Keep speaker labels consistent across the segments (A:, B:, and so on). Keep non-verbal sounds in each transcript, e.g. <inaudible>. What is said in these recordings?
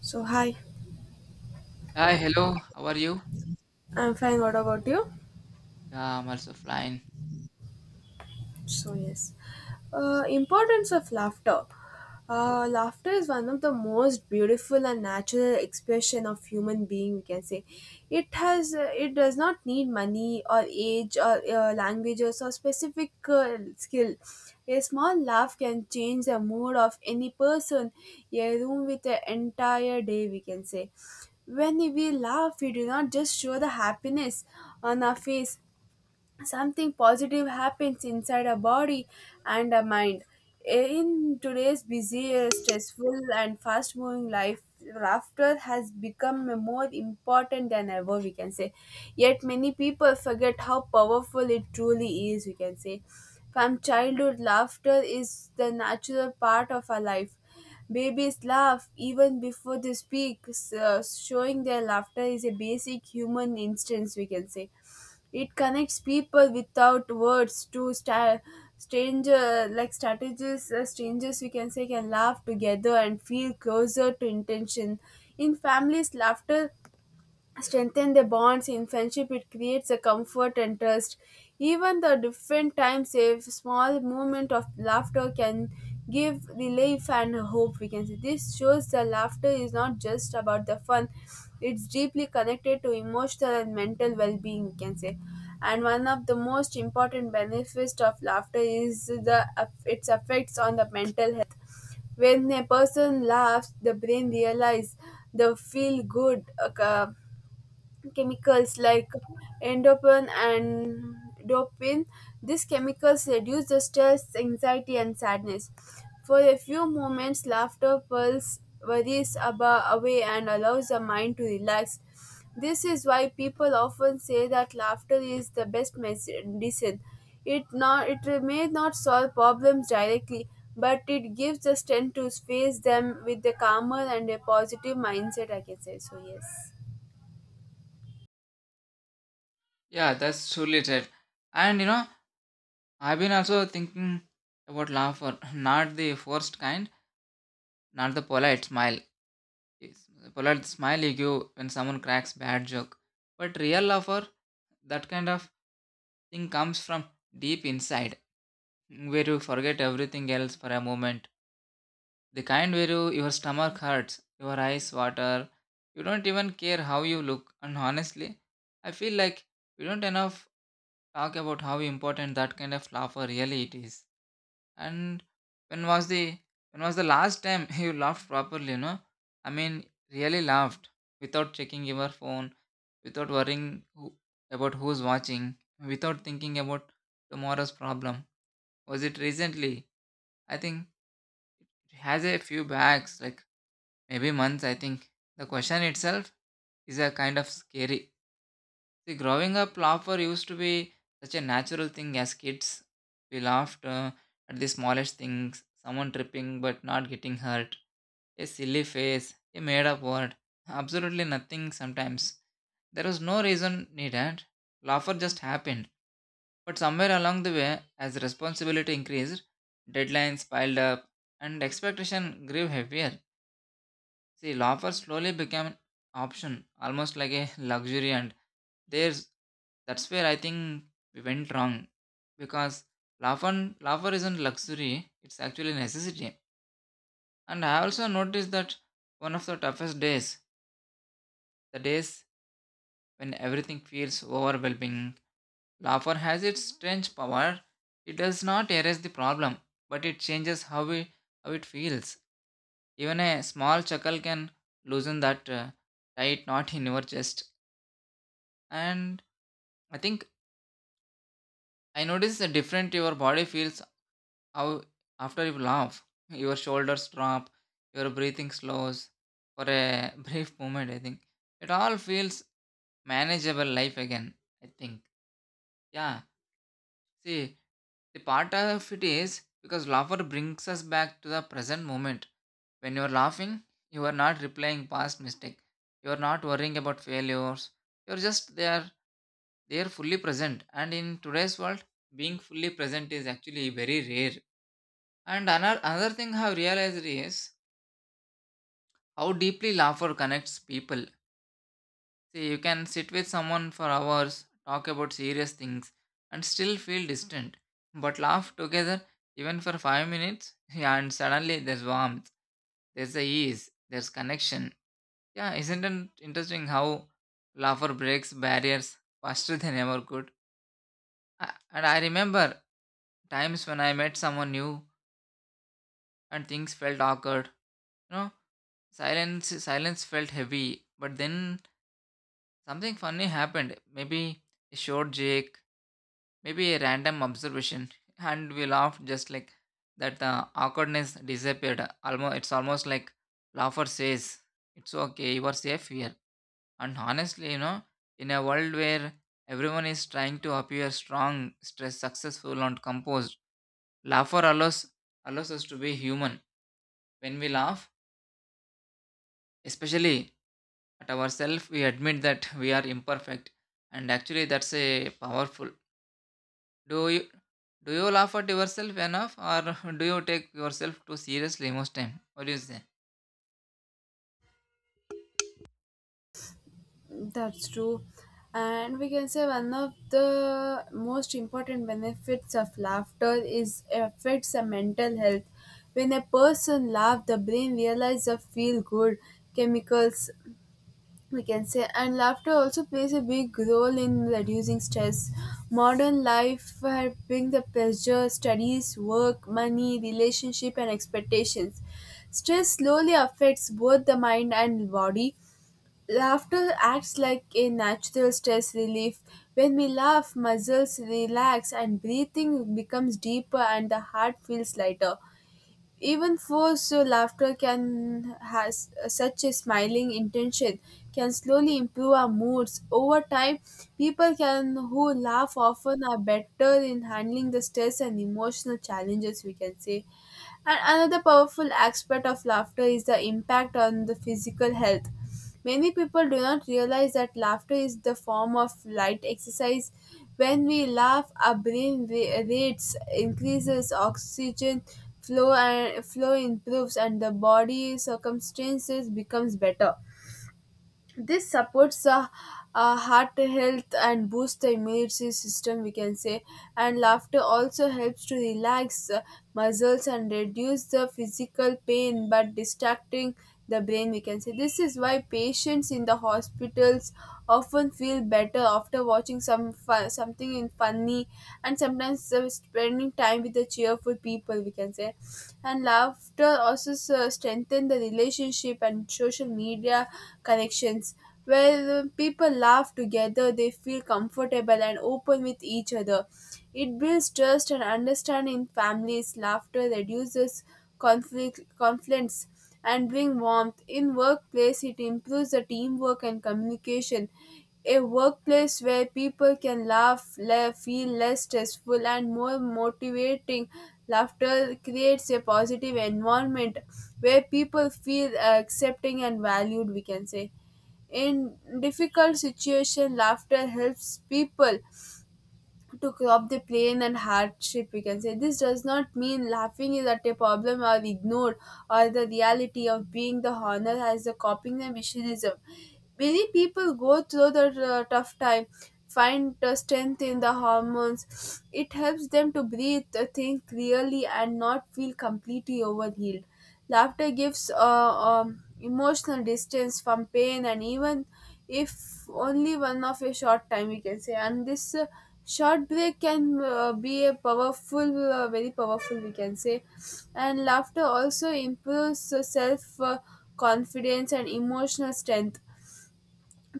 A: So hi,
B: Hi, hello. How are you?
A: I'm fine. What about you?
B: Yeah, I'm also flying.
A: So yes, importance of laughter. Laughter is one of the most beautiful and natural expression of human being. We can say it has. It does not need money or age or languages or specific skill. A small laugh can change the mood of any person, a room with an entire day. We can say when we laugh, we do not just show the happiness on our face, something positive happens inside a body and a mind. In today's busy stressful and fast moving life, laughter has become more important than ever, we can say, yet many people forget how powerful it truly is, we can say. From childhood, laughter is the natural part of our life. Babies laugh even before they speak, so showing their laughter is a basic human instinct, we can say. It connects people without words to stranger like strategies strangers, we can say, can laugh together and feel closer to intention. In families, laughter strengthen the bonds. In friendship, it creates a comfort and trust. Even the different times, a small moment of laughter can give relief and hope, we can say. This shows the laughter is not just about the fun, it's deeply connected to emotional and mental well-being, we can say. And one of the most important benefits of laughter is the its effects on the mental health. When a person laughs, the brain realizes the feel good uh, chemicals like endorphin and dopamine. These chemicals reduce the stress, anxiety, and sadness. For a few moments, laughter pulls worries away and allows the mind to relax. This is why people often say that laughter is the best medicine. It not it may not solve problems directly, but it gives the strength to face them with a calmer and a positive mindset, I can say. So yes.
B: Yeah, that's truly right. And you know, I've been also thinking about laughter, <laughs> not the forced kind, not the polite smile. Yes, the polite smile you give when someone cracks bad joke, but real laughter, that kind of thing comes from deep inside, where you forget everything else for a moment. The kind where you, your stomach hurts, your eyes water, you don't even care how you look. And honestly, I feel like we don't enough talk about how important that kind of laughter really it is. And when was the when was the last time <laughs> you laughed properly, you know? I mean really laughed without checking your phone, without worrying who, about who's watching, without thinking about tomorrow's problem. Was it recently? I think it has a few bags like maybe months, I think. The question itself is a kind of scary. See, growing up, laughter used to be such a natural thing as kids. We laughed at the smallest things, someone tripping but not getting hurt, a silly face, a made up word, absolutely nothing sometimes. There was no reason needed. Laughter just happened. But somewhere along the way, as responsibility increased, deadlines piled up, and expectation grew heavier. See, loafers slowly became an option, almost like a luxury, and there's that's where I think we went wrong because loafer isn't luxury; it's actually necessity. And I also noticed that one of the toughest days, the days when everything feels overwhelming, loafer has its strange power. It does not erase the problem, but it changes how it feels. Even a small chuckle can loosen that tight knot in your chest. And I think I noticed the different your body feels how after you laugh your shoulders drop your breathing slows for a <laughs> brief moment, I think it all feels manageable life again, I think. Yeah, see, the part of it is because laughter brings us back to the present moment. When you are laughing, you are not replaying past mistake, you are not worrying about failures, you are just there, they are fully present. And in today's world, being fully present is actually very rare. And another thing I have realized is how deeply laughter connects people. See, you can sit with someone for hours, talk about serious things, and still feel distant, but laugh together even for 5 minutes, <laughs> yeah, and suddenly there's warmth, there's the ease, there's connection. Yeah, isn't it interesting how laughter breaks barriers faster than ever could. And I remember times when I met someone new and things felt awkward. You know, silence felt heavy, but then something funny happened. Maybe a short joke, maybe a random observation, <laughs> and we laughed just like that. The awkwardness disappeared. Almost, it's almost like laughter says, "It's okay, you are safe here." And honestly, you know, in a world where everyone is trying to appear strong, stressed, successful, and composed, laughter allows us to be human. When we laugh, especially at ourselves, we admit that we are imperfect, and actually, that's a powerful. Do you do you laugh at yourself enough, or <laughs> do you take yourself too seriously most time? What do you say?
A: That's true. And we can say one of the most important benefits of laughter is affects the mental health. When a person laughs, the brain realizes the feel good chemicals, we can say. And laughter also plays a big role in reducing stress. Modern life has bring the pressure, studies, work, money, relationship and expectations. Stress slowly affects both the mind and body. Laughter acts like a natural stress relief. When we laugh, muscles relax and breathing becomes deeper and the heart feels lighter. Even forced so laughter can has such a smiling intention can slowly improve our moods. Over time, people can who laugh often are better in handling the stress and emotional challenges, we can say. And another powerful aspect of laughter is the impact on the physical health. Many people do not realize that laughter is the form of light exercise. When we laugh, our brain rates increases, oxygen flow and flow improves, and the body circumstances becomes better. This supports the heart health and boosts the immune system, we can say. And laughter also helps to relax muscles and reduce the physical pain but distracting the brain, we can say. This is why patients in the hospitals often feel better after watching some fun, something in funny, and sometimes spending time with the cheerful people, we can say. And laughter also strengthen the relationship and social media connections. Where people laugh together, they feel comfortable and open with each other. It builds trust and understanding. In families, laughter reduces conflicts and bring warmth. In workplace, it improves the teamwork and communication. A workplace where people can laugh, feel less stressful, and more motivating. Laughter creates a positive environment where people feel accepting and valued, we can say. In difficult situation, laughter helps people to crop the pain and hardship, we can say. This does not mean laughing is at a problem or ignored or the reality of being the honor as a coping the missionism. Many people go through the tough time, find the strength in the hormones. It helps them to breathe, think clearly and not feel completely overhealed. Laughter gives emotional distance from pain, and even if only one of a short time, we can say. And this short break can be a powerful, very powerful, we can say. And laughter also improves self confidence and emotional strength.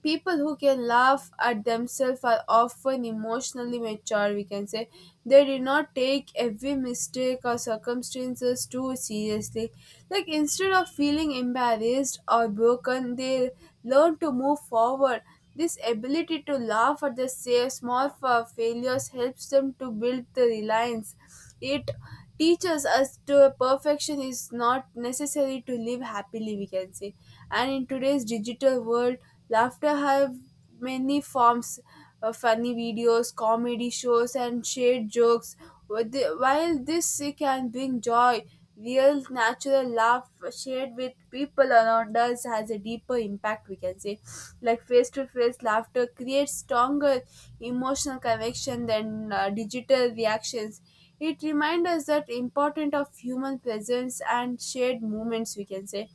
A: People who can laugh at themselves are often emotionally mature, we can say. They do not take every mistake or circumstances too seriously, like instead of feeling embarrassed or broken, they learn to move forward. This ability to laugh at the small failures helps them to build the reliance. It teaches us to perfection is not necessary to live happily, we can say. And in today's digital world, laughter have many forms: funny videos, comedy shows, and shared jokes. While this can bring joy, real natural laugh shared with people around us has a deeper impact, we can say. Like face to face laughter creates stronger emotional connection than digital reactions. It reminds us that important of human presence and shared moments, we can say.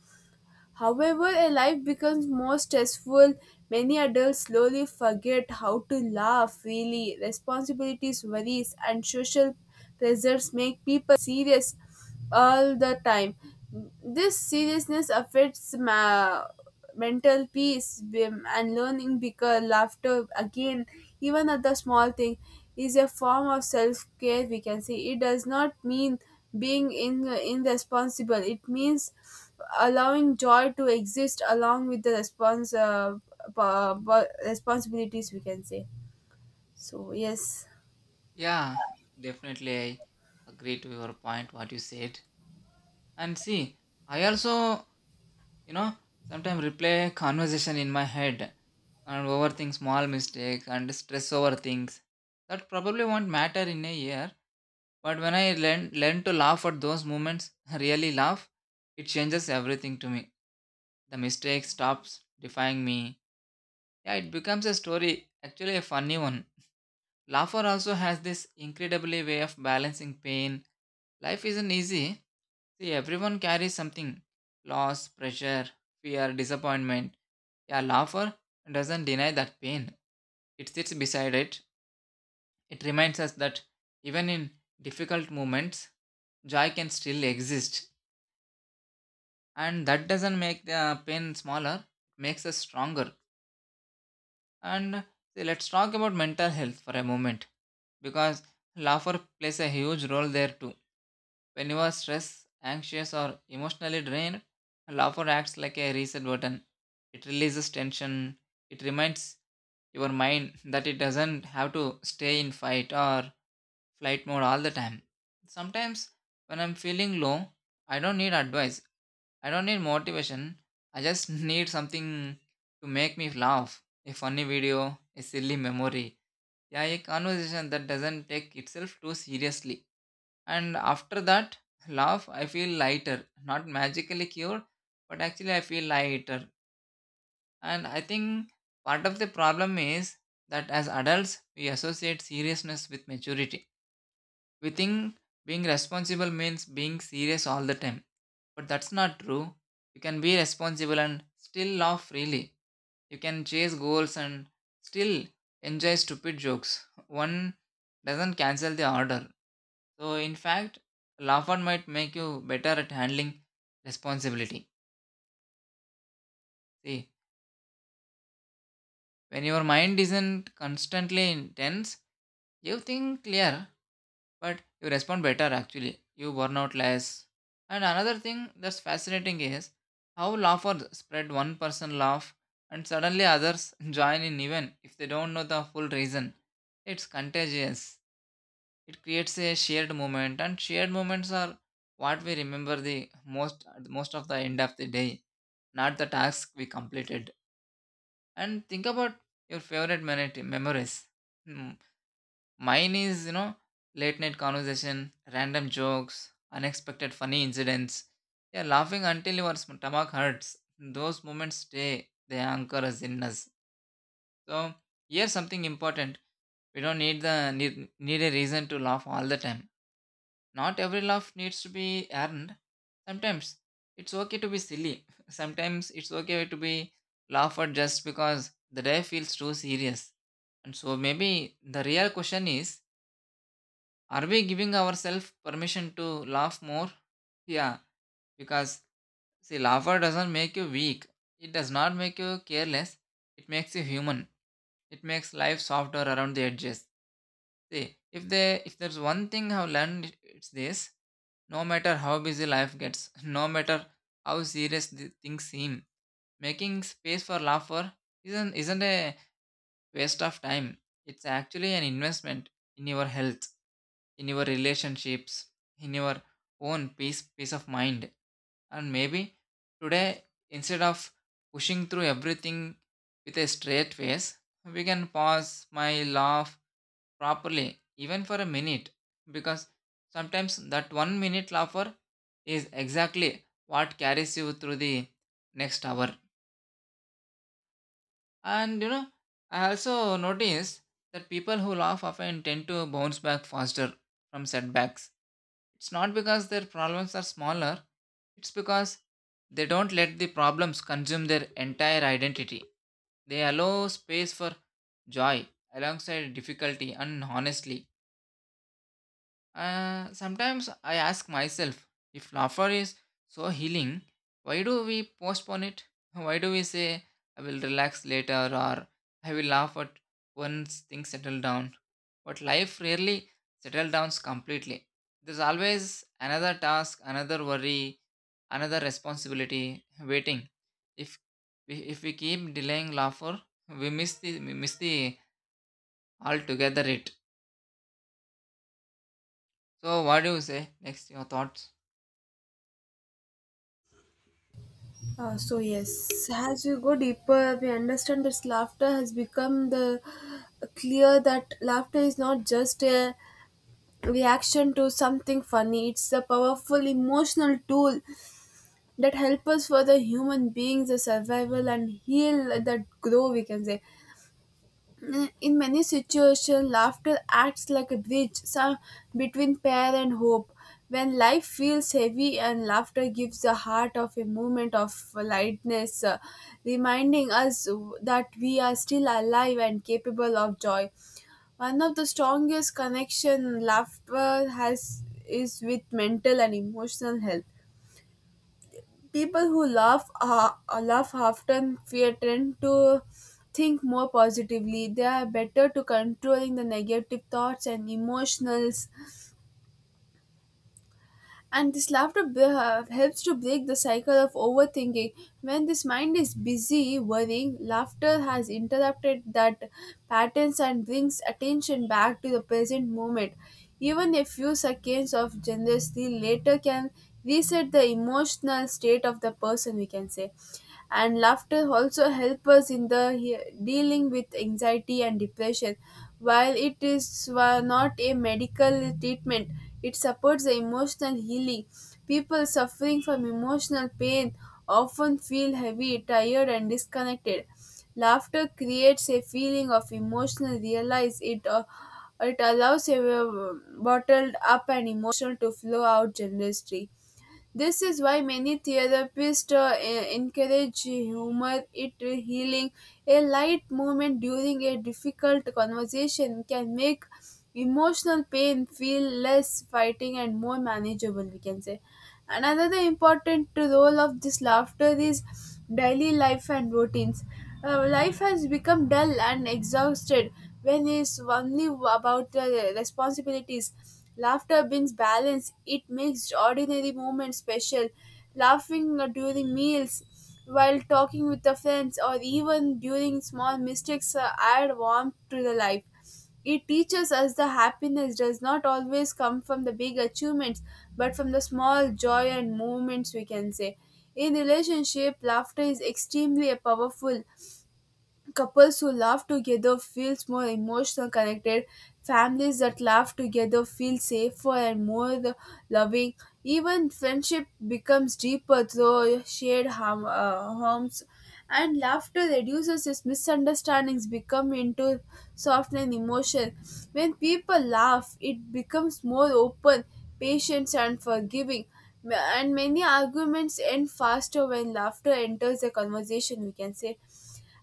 A: However, a life becomes more stressful. Many adults slowly forget how to laugh freely. Responsibilities, worries, and social pressures make people serious all the time. This seriousness affects mental peace bim, and learning, because laughter again, even at the small thing, is a form of self-care, we can say. It does not mean being in, irresponsible, it means allowing joy to exist along with the responsibilities, we can say. so yes
B: Yeah, definitely, I agree to your point. What you said, and see, I also, you know, sometimes replay conversation in my head and overthink small mistakes and stress over things that probably won't matter in a year. But when I learn to laugh at those moments, <laughs> really laugh, it changes everything to me. The mistake stops defying me. Yeah, it becomes a story, actually a funny one. Laughter also has this incredibly way of balancing pain. Life isn't easy. See, everyone carries something loss, pressure, fear, disappointment. Yeah, laughter doesn't deny that pain. It sits beside it, it reminds us that even in difficult moments, joy can still exist. And that doesn't make the pain smaller, it makes us stronger. And see, let's talk about mental health for a moment because laughter plays a huge role there too. When you are stressed, anxious, or emotionally drained, laughter acts like a reset button. It releases tension, it reminds your mind that it doesn't have to stay in fight or flight mode all the time. Sometimes when I'm feeling low, I don't need advice. I don't need motivation. I just <laughs> need something to make me laugh. A funny video, a silly memory. Yeah, a conversation that doesn't take itself too seriously. And after that laugh, I feel lighter. Not magically cured, but actually I feel lighter. And I think part of the problem is that as adults, we associate seriousness with maturity. We think being responsible means being serious all the time. But that's not true. You can be responsible and still laugh freely. You can chase goals and still enjoy stupid jokes. One doesn't cancel the order. So, in fact, laughter might make you better at handling responsibility. See, when your mind isn't constantly intense, you think clear, but you respond better actually. You burn out less. And another thing that's fascinating is how laughers spread. One person laugh and suddenly others <laughs> join in, even if they don't know the full reason. It's contagious. It creates a shared moment, and shared moments are what we remember the most most of the end of the day, not the task we completed. And think about your favorite memories. Hmm. Mine is, you know, late night conversation, random jokes, unexpected funny incidents. Yeah, laughing until your stomach hurts. Those moments stay, they anchor us in us. So, here's something important. We don't need a reason to laugh all the time. Not every laugh needs to be earned. Sometimes it's okay to be silly. <laughs> Sometimes it's okay to be laughed at just because the day feels too serious. And so maybe the real question is, are we giving ourselves permission to laugh more? Yeah, because see, laughter doesn't make you weak. It does not make you careless. It makes you human. It makes life softer around the edges. See, if there's one thing I've learned, it's this: no matter how busy life gets, <laughs> no matter how serious the things seem, making space for laughter isn't a waste of time. It's actually an investment in your health, in your relationships, in your own peace of mind. And maybe today, instead of pushing through everything with a straight face, we can pause, smile, laugh properly, even for a minute, because sometimes that 1 minute laugher is exactly what carries you through the next hour. And you know, I also noticed that people who laugh often tend to bounce back faster from setbacks. It's not because their problems are smaller, it's because they don't let the problems consume their entire identity. They allow space for joy alongside difficulty. And honestly, sometimes I ask myself, if laughter is so healing, why do we postpone it? <laughs> Why do we say, I will relax later, or I will laugh at once things settle down? But life rarely settles down completely. There's always another task, another worry, another responsibility waiting. If if we keep delaying laughter, we miss the altogether it. So what do you say? Next your thoughts.
A: uh, so yes as we go deeper we understand that laughter has become the clear that laughter is not just a reaction to something funny. It's a powerful emotional tool that helps us for the human beings, the survival and heal that grow, we can say. In many situations, laughter acts like a bridge between pain and hope. When life feels heavy, and laughter gives the heart of a moment of lightness, reminding us that we are still alive and capable of joy. One of the strongest connection laughter has is with mental and emotional health. People who laugh often fear tend to think more positively. They are better to controlling the negative thoughts and emotions. And this laughter helps to break the cycle of overthinking. When this mind is busy worrying, laughter has interrupted that patterns and brings attention back to the present moment. Even a few seconds of generosity later can reset the emotional state of the person, we can say. And laughter also help us in the dealing with anxiety and depression. While it is not a medical treatment, it supports the emotional healing. People suffering from emotional pain often feel heavy, tired and disconnected. Laughter creates a feeling of emotional realize it. It allows a bottled up and emotional to flow out generously. This is why many therapists encourage humor, it healing. A light moment during a difficult conversation can make emotional pain feel less fighting and more manageable, we can say. Another important role of this laughter is daily life and routines. Life has become dull and exhausted when it's only about the responsibilities. Laughter brings balance, it makes ordinary moments special. Laughing during meals, while talking with the friends, or even during small mistakes add warmth to the life. It teaches us that happiness does not always come from the big achievements, but from the small joy and moments, we can say. In relationship, laughter is extremely powerful. Couples who laugh together feels more emotional connected. Families that laugh together feel safer and more loving. Even friendship becomes deeper through shared harms. And laughter reduces its misunderstandings become into softening emotion. When people laugh, it becomes more open, patient, and forgiving. And many arguments end faster when laughter enters the conversation, we can say.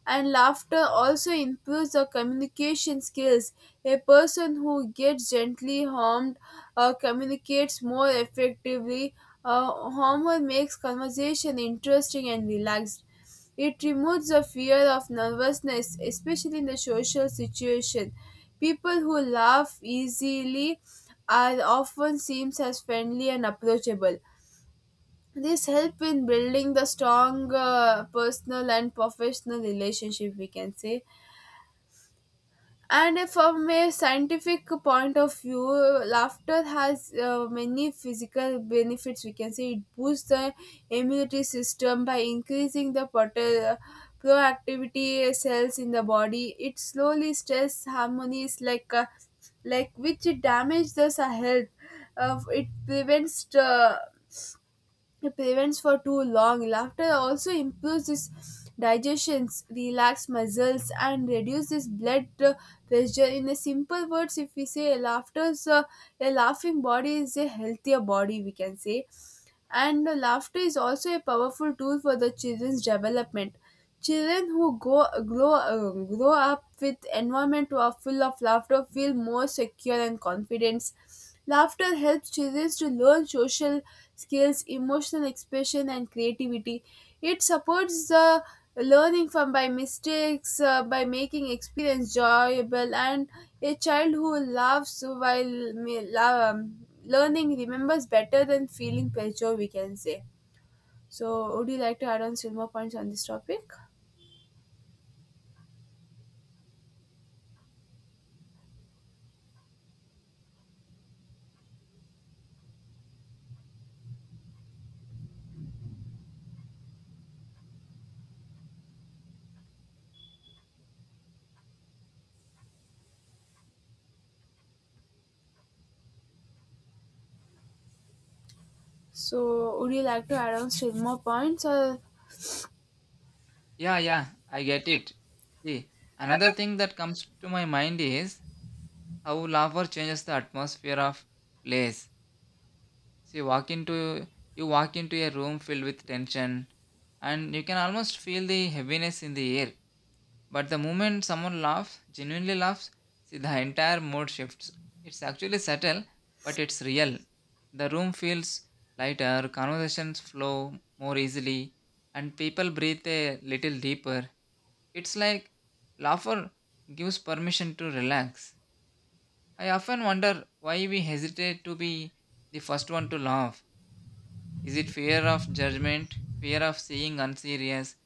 A: And laughter also improves the communication skills. A person who gets gently harmed communicates more effectively. Humor makes conversation interesting and relaxed. It removes the fear of nervousness, especially in the social situation. People who laugh easily are often seen as friendly and approachable. This help in building the strong personal and professional relationship, we can say. And from a scientific point of view, laughter has many physical benefits, we can say. It boosts the immunity system by increasing the proactivity cells in the body. It slowly stress harmonies like which damage the health. Uh, it prevents uh, it prevents for too long. Laughter also improves this digestions, relax muscles, and reduce this blood pressure. In a simple words, if we say laughter's a laughing body is a healthier body, we can say. And laughter is also a powerful tool for the children's development. Children who grow up with environment who are full of laughter feel more secure and confident. Laughter helps children to learn social skills, emotional expression, and creativity. It supports the learning from by mistakes, by making experience enjoyable, and a child who laughs while learning remembers better than feeling pressure, we can say. So, would you like to add on still more points on this topic? So, would you like to add on still more points or
B: Yeah, yeah, I get it. See, another thing that comes to my mind is how laughter changes the atmosphere of place. See, walk into you walk into a room filled with tension, and you can almost feel the heaviness in the air. But the moment someone laughs, genuinely laughs, see the entire mood shifts. It's actually subtle, but it's real. The room feels lighter, conversations flow more easily, and people breathe a little deeper. It's like laughter gives permission to relax. I often wonder why we hesitate to be the first one to laugh. Is it fear of judgment, fear of seeing unserious?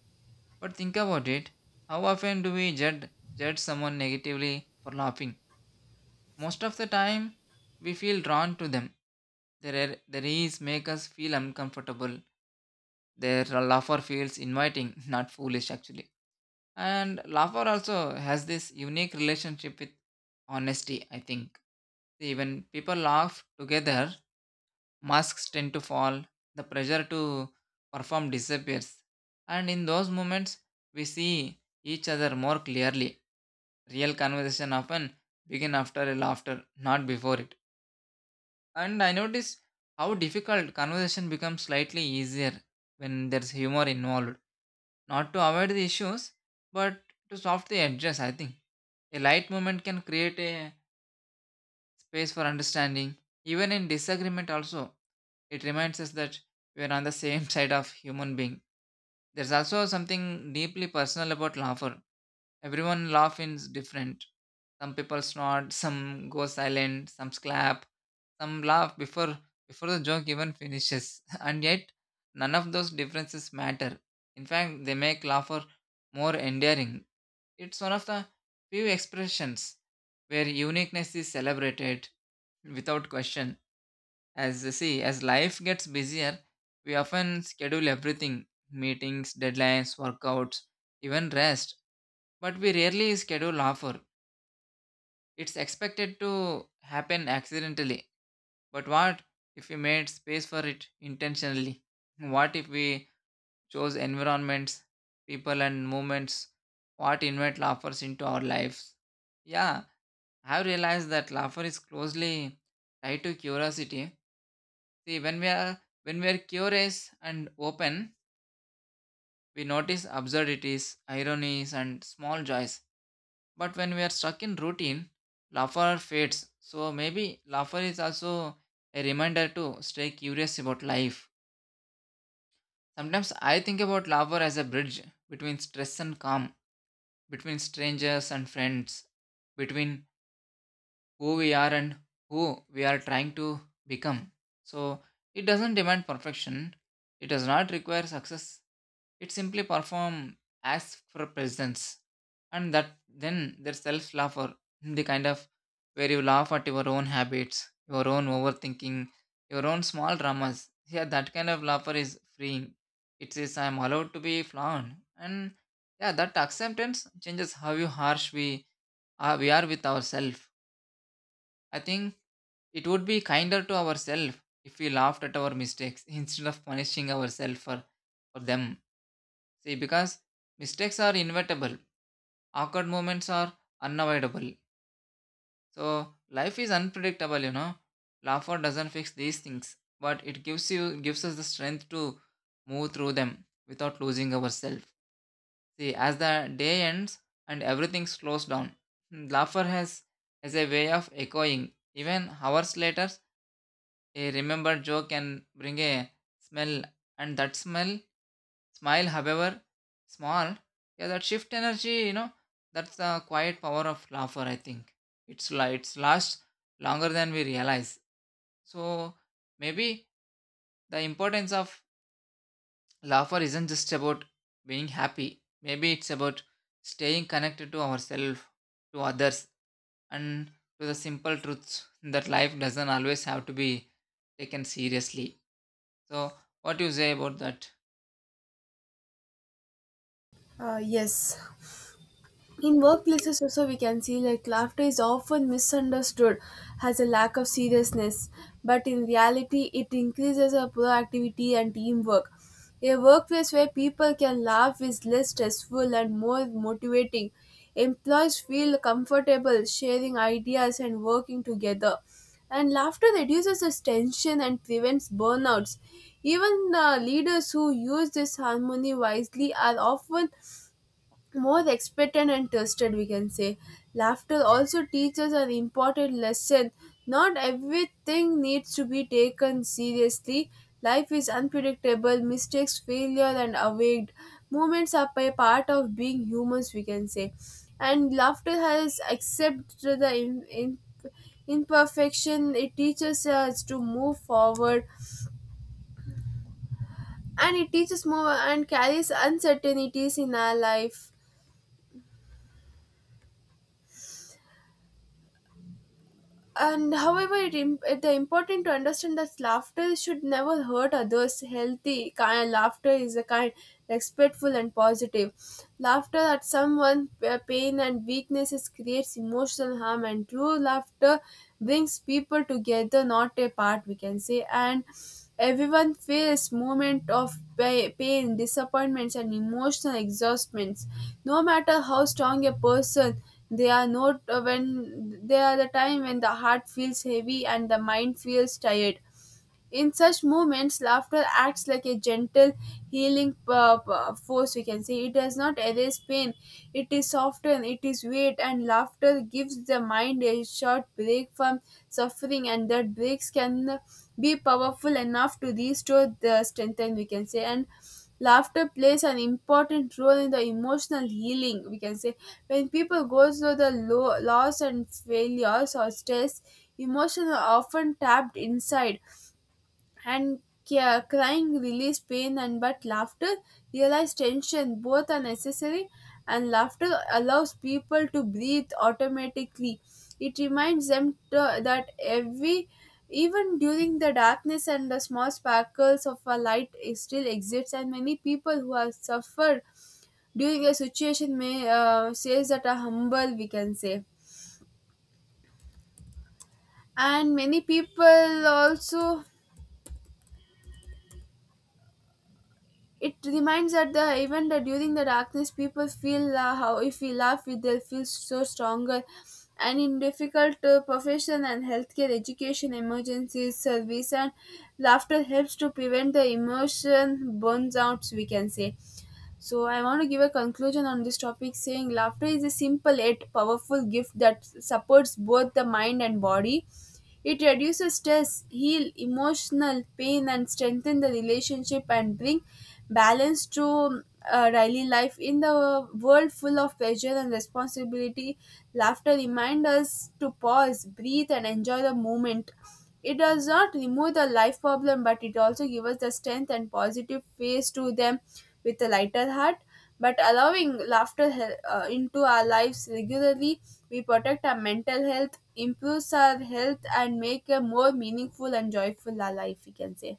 B: But think about it. How often do we judge someone negatively for laughing? Most of the time, we feel drawn to them. Their ease make us feel uncomfortable. Their laughter feels inviting, <laughs> not foolish actually. And Lafar also has this unique relationship with honesty, I think. See, when people laugh together, masks tend to fall, the pressure to perform disappears. And in those moments, we see each other more clearly. Real conversation often begin after a laughter, not before it. And I noticed how difficult conversation becomes slightly easier when there's humor involved, not to avoid the issues, but to softly address, I think. A light moment can create a space for understanding. Even in disagreement also, it reminds us that we are on the same <laughs> side of human being. There's also something deeply personal about laughter. Everyone laugh is different. Some people snort, some go silent, some clap, some laugh before the joke even finishes. <laughs> And yet none of those differences matter. In fact, they make laughter more endearing. It's one of the few expressions where uniqueness is celebrated without question. As you see, as life gets busier, we often schedule everything meetings, deadlines, workouts, even rest, but we rarely schedule offer. It's expected to happen accidentally. But what if we made space for it intentionally? What if we chose environments, people, and moments? What invite laughers into our lives? Yeah, I've realized that laughter is closely tied to curiosity. See, when we are curious and open, we notice absurdities, ironies, and small joys. But when we are stuck in routine, laughter fades. So maybe laughter is also a reminder to stay curious about life. Sometimes I think about laughter as a bridge between stress and calm, between strangers and friends, between who we are and who we are trying to become. So it doesn't demand perfection. It does not require success. It simply perform acts for presence. And that then there's self love or the kind of where you laugh at your own habits, your own overthinking, your own small dramas. Yeah, that kind of laughter is freeing. It says I'm allowed to be flawed. And yeah, that acceptance changes how you harsh we are with ourselves. I think it would be kinder to ourselves if we laughed at our mistakes <laughs> instead of punishing ourselves for them. See, because mistakes are inevitable, awkward moments are unavoidable. So, life is unpredictable, you know. Laughter doesn't fix these things, but it gives us the strength to move through them without losing ourselves. See, as the day ends and everything slows down, laughter has a way of echoing. Even hours later, a remembered joke can bring a smell, and that smile, however small, yeah, that shift energy, you know, that's the quiet power of laughter. I think it's la- it's lasts longer than we realize. So maybe the importance of laughter isn't just about being happy. Maybe it's about staying connected to ourselves, to others, and to the simple truths that life doesn't always have to be taken seriously. So, what do you say about that?
A: Yes, in workplaces also we can see like laughter is often misunderstood as a lack of seriousness, but in reality it increases our productivity and teamwork. A workplace where people can laugh is less stressful and more motivating. Employees feel comfortable sharing ideas and working together. And laughter reduces the tension and prevents burnouts. Even leaders who use this harmony wisely are often more expectant and trusted, we can say. Laughter also teaches an important lesson: not everything needs to be taken seriously. Life is unpredictable, mistakes, failure and awaked moments are a part of being humans, we can say. And laughter has accepted the imperfection. It teaches us to move forward and it teaches more and carries uncertainties in our life. And however it the important to understand that laughter should never hurt others. Healthy kind laughter is a kind, respectful and positive. Laughter at someone's pain and weaknesses creates emotional harm, and true laughter brings people together, not apart, we can say. And everyone feels moment of pain, disappointments and emotional exhaustments, no matter how strong a person they are not, when they are the time when the heart feels heavy and the mind feels tired. In such moments, laughter acts like a gentle healing force, we can say. It does not erase pain; it is soften, it is weight, and laughter gives the mind a short break from suffering, and that breaks can be powerful enough to restore the strength. And we can say, and laughter plays an important role in the emotional healing, we can say. When people go through the low, loss and failures or stress, emotions are often tapped inside, and crying release pain, and but laughter realize tension, both are necessary. And laughter allows people to breathe automatically. It reminds them to, that every even during the darkness and the small sparkles of a light is still exists. And many people who have suffered during a situation may, says that are humble, we can say. And many people also it reminds that the even that during the darkness, people feel, how if we laugh, they'll feel so stronger. And in difficult profession and healthcare, education, emergencies, service, and laughter helps to prevent the emotion burns out, we can say. So I want to give a conclusion on this topic saying laughter is a simple yet powerful gift that supports both the mind and body. It reduces stress, heal emotional pain, and strengthen the relationship and bring balance to daily life in the world full of pressure and responsibility. Laughter reminds us to pause, breathe, and enjoy the moment. It does not remove the life problem, but it also gives us the strength and positive face to them with a lighter heart. But allowing laughter into our lives regularly, we protect our mental health, improves our health, and make a more meaningful and joyful our life, we can say.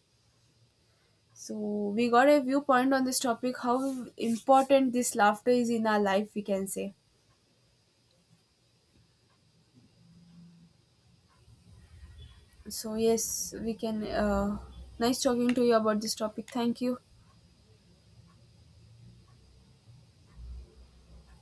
A: So we got a viewpoint on this topic, how important this laughter is in our life, we can say. So yes, we can. Nice talking to you about this topic. Thank you.